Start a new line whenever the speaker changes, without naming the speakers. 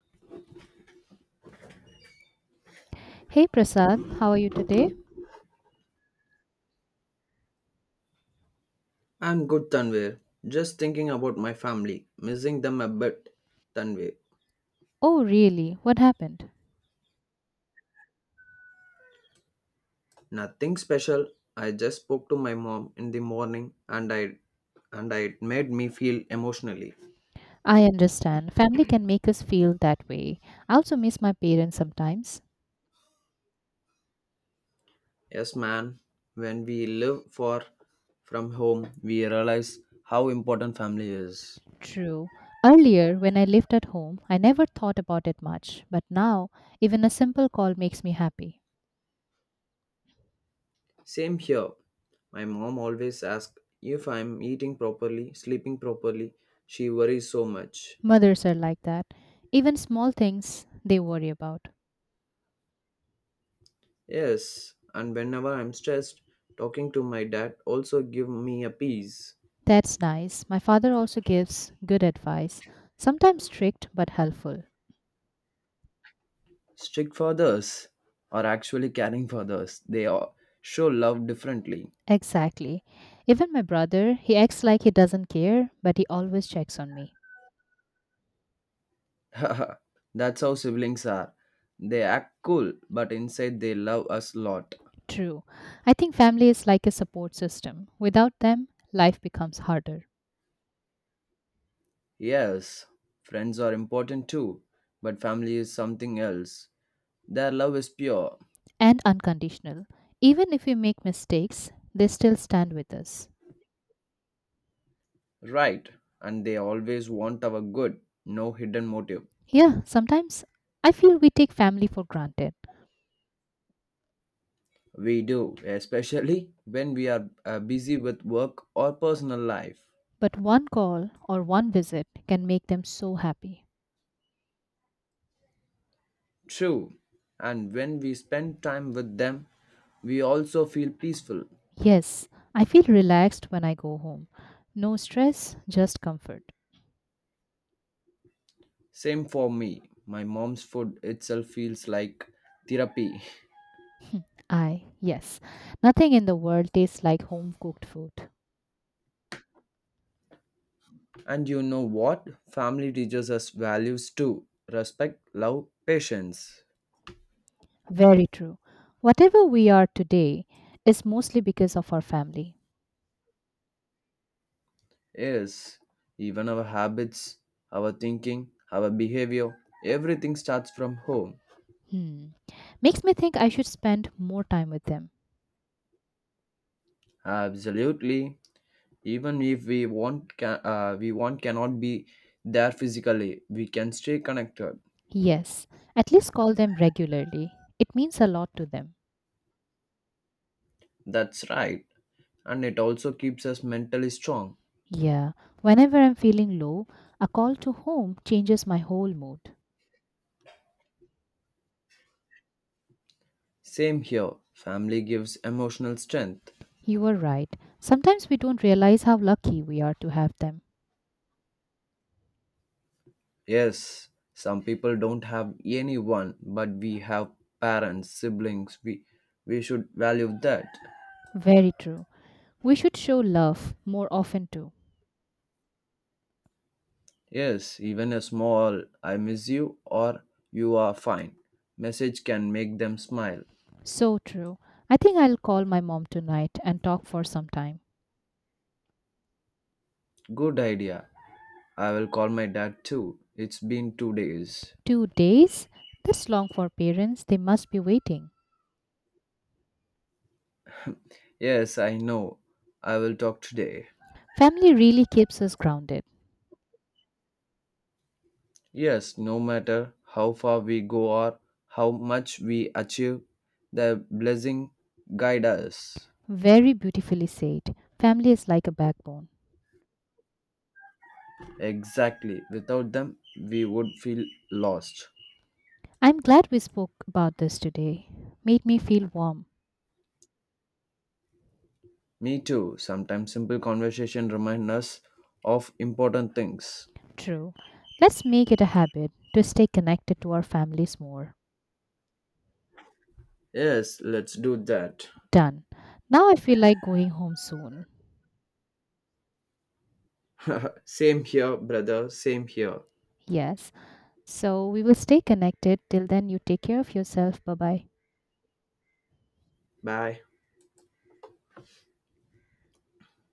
Hey Prasad, how are you today?
I'm good, Tanvir. Just thinking about my family, missing them a bit, Tanvir.
Oh, really? What happened?
Nothing special. I just spoke to my mom in the morning and I it made me feel emotionally.
I understand. Family can make us feel that way. I also miss my parents sometimes.
Yes, man. When we live far from home, we realize how important family is.
True. Earlier, when I lived at home, I never thought about it much, but now, even a simple call makes me happy.
Same here. My mom always asks if I'm eating properly, sleeping properly. She worries so much.
Mothers are like that. Even small things they worry about.
Yes, and whenever I'm stressed, talking to my dad also give me a peace.
That's nice. My father also gives good advice, sometimes strict but helpful.
Strict fathers are actually caring fathers. They are show love differently.
Exactly. Even my brother, he acts like he doesn't care, but he always checks on me.
That's how siblings are. They act cool, but inside they love us lot.
True. I think family is like a support system. Without them, life becomes harder
Yes, friends are important too, but family is something else. Their love is pure,
and unconditional. Even if we make mistakes, they still stand with us.
right, and they always want our good, no hidden motive.
Yeah, sometimes I feel we take family for granted,
We do, especially when we are busy with work or personal life.
but one call or one visit can make them so happy.
True. And when we spend time with them, we also feel peaceful.
Yes, I feel relaxed when I go home. No stress, just comfort.
Same for me. My mom's food itself feels like therapy.
I, yes. Nothing in the world tastes like home cooked food.
And you know what? Family teaches us values too respect, love, patience.
Very true. Whatever we are today is mostly because of our family.
Yes, even our habits, our thinking, our behavior, everything starts from home.
Hmm. Makes me think I should spend more time with them.
Absolutely. Even if we want cannot be there physically, we can stay connected.
Yes, at least call them regularly. It means a lot to them.
That's right, and it also keeps us mentally strong.
Yeah, whenever I'm feeling low, a call to home changes my whole mood.
Same here, family gives emotional strength.
You are right. Sometimes we don't realize how lucky we are to have them.
Yes, some people don't have anyone, but we have parents, siblings, we should value that.
Very true. We should show love more often too.
Yes, even a small I miss you or you are fine message can make them smile.
So true. I think I'll call my mom tonight and talk for some time.
Good idea. I will call my dad too. It's been 2 days.
2 days? This long for parents, they must be waiting.
Yes, I know. I will talk today.
Family really keeps us grounded.
Yes, no matter how far we go or how much we achieve, the blessing guide us.
Very beautifully said. Family is like a backbone.
Exactly. Without them, we would feel lost.
I'm glad we spoke about this today. Made me feel warm.
Me too. Sometimes simple conversation remind us of important things.
True. Let's make it a habit to stay connected to our families more.
Yes, let's do that.
Done. Now I feel like going home soon.
Same here, brother. Same here.
Yes. So we will stay connected. Till then, you take care of yourself. Bye bye.
Bye.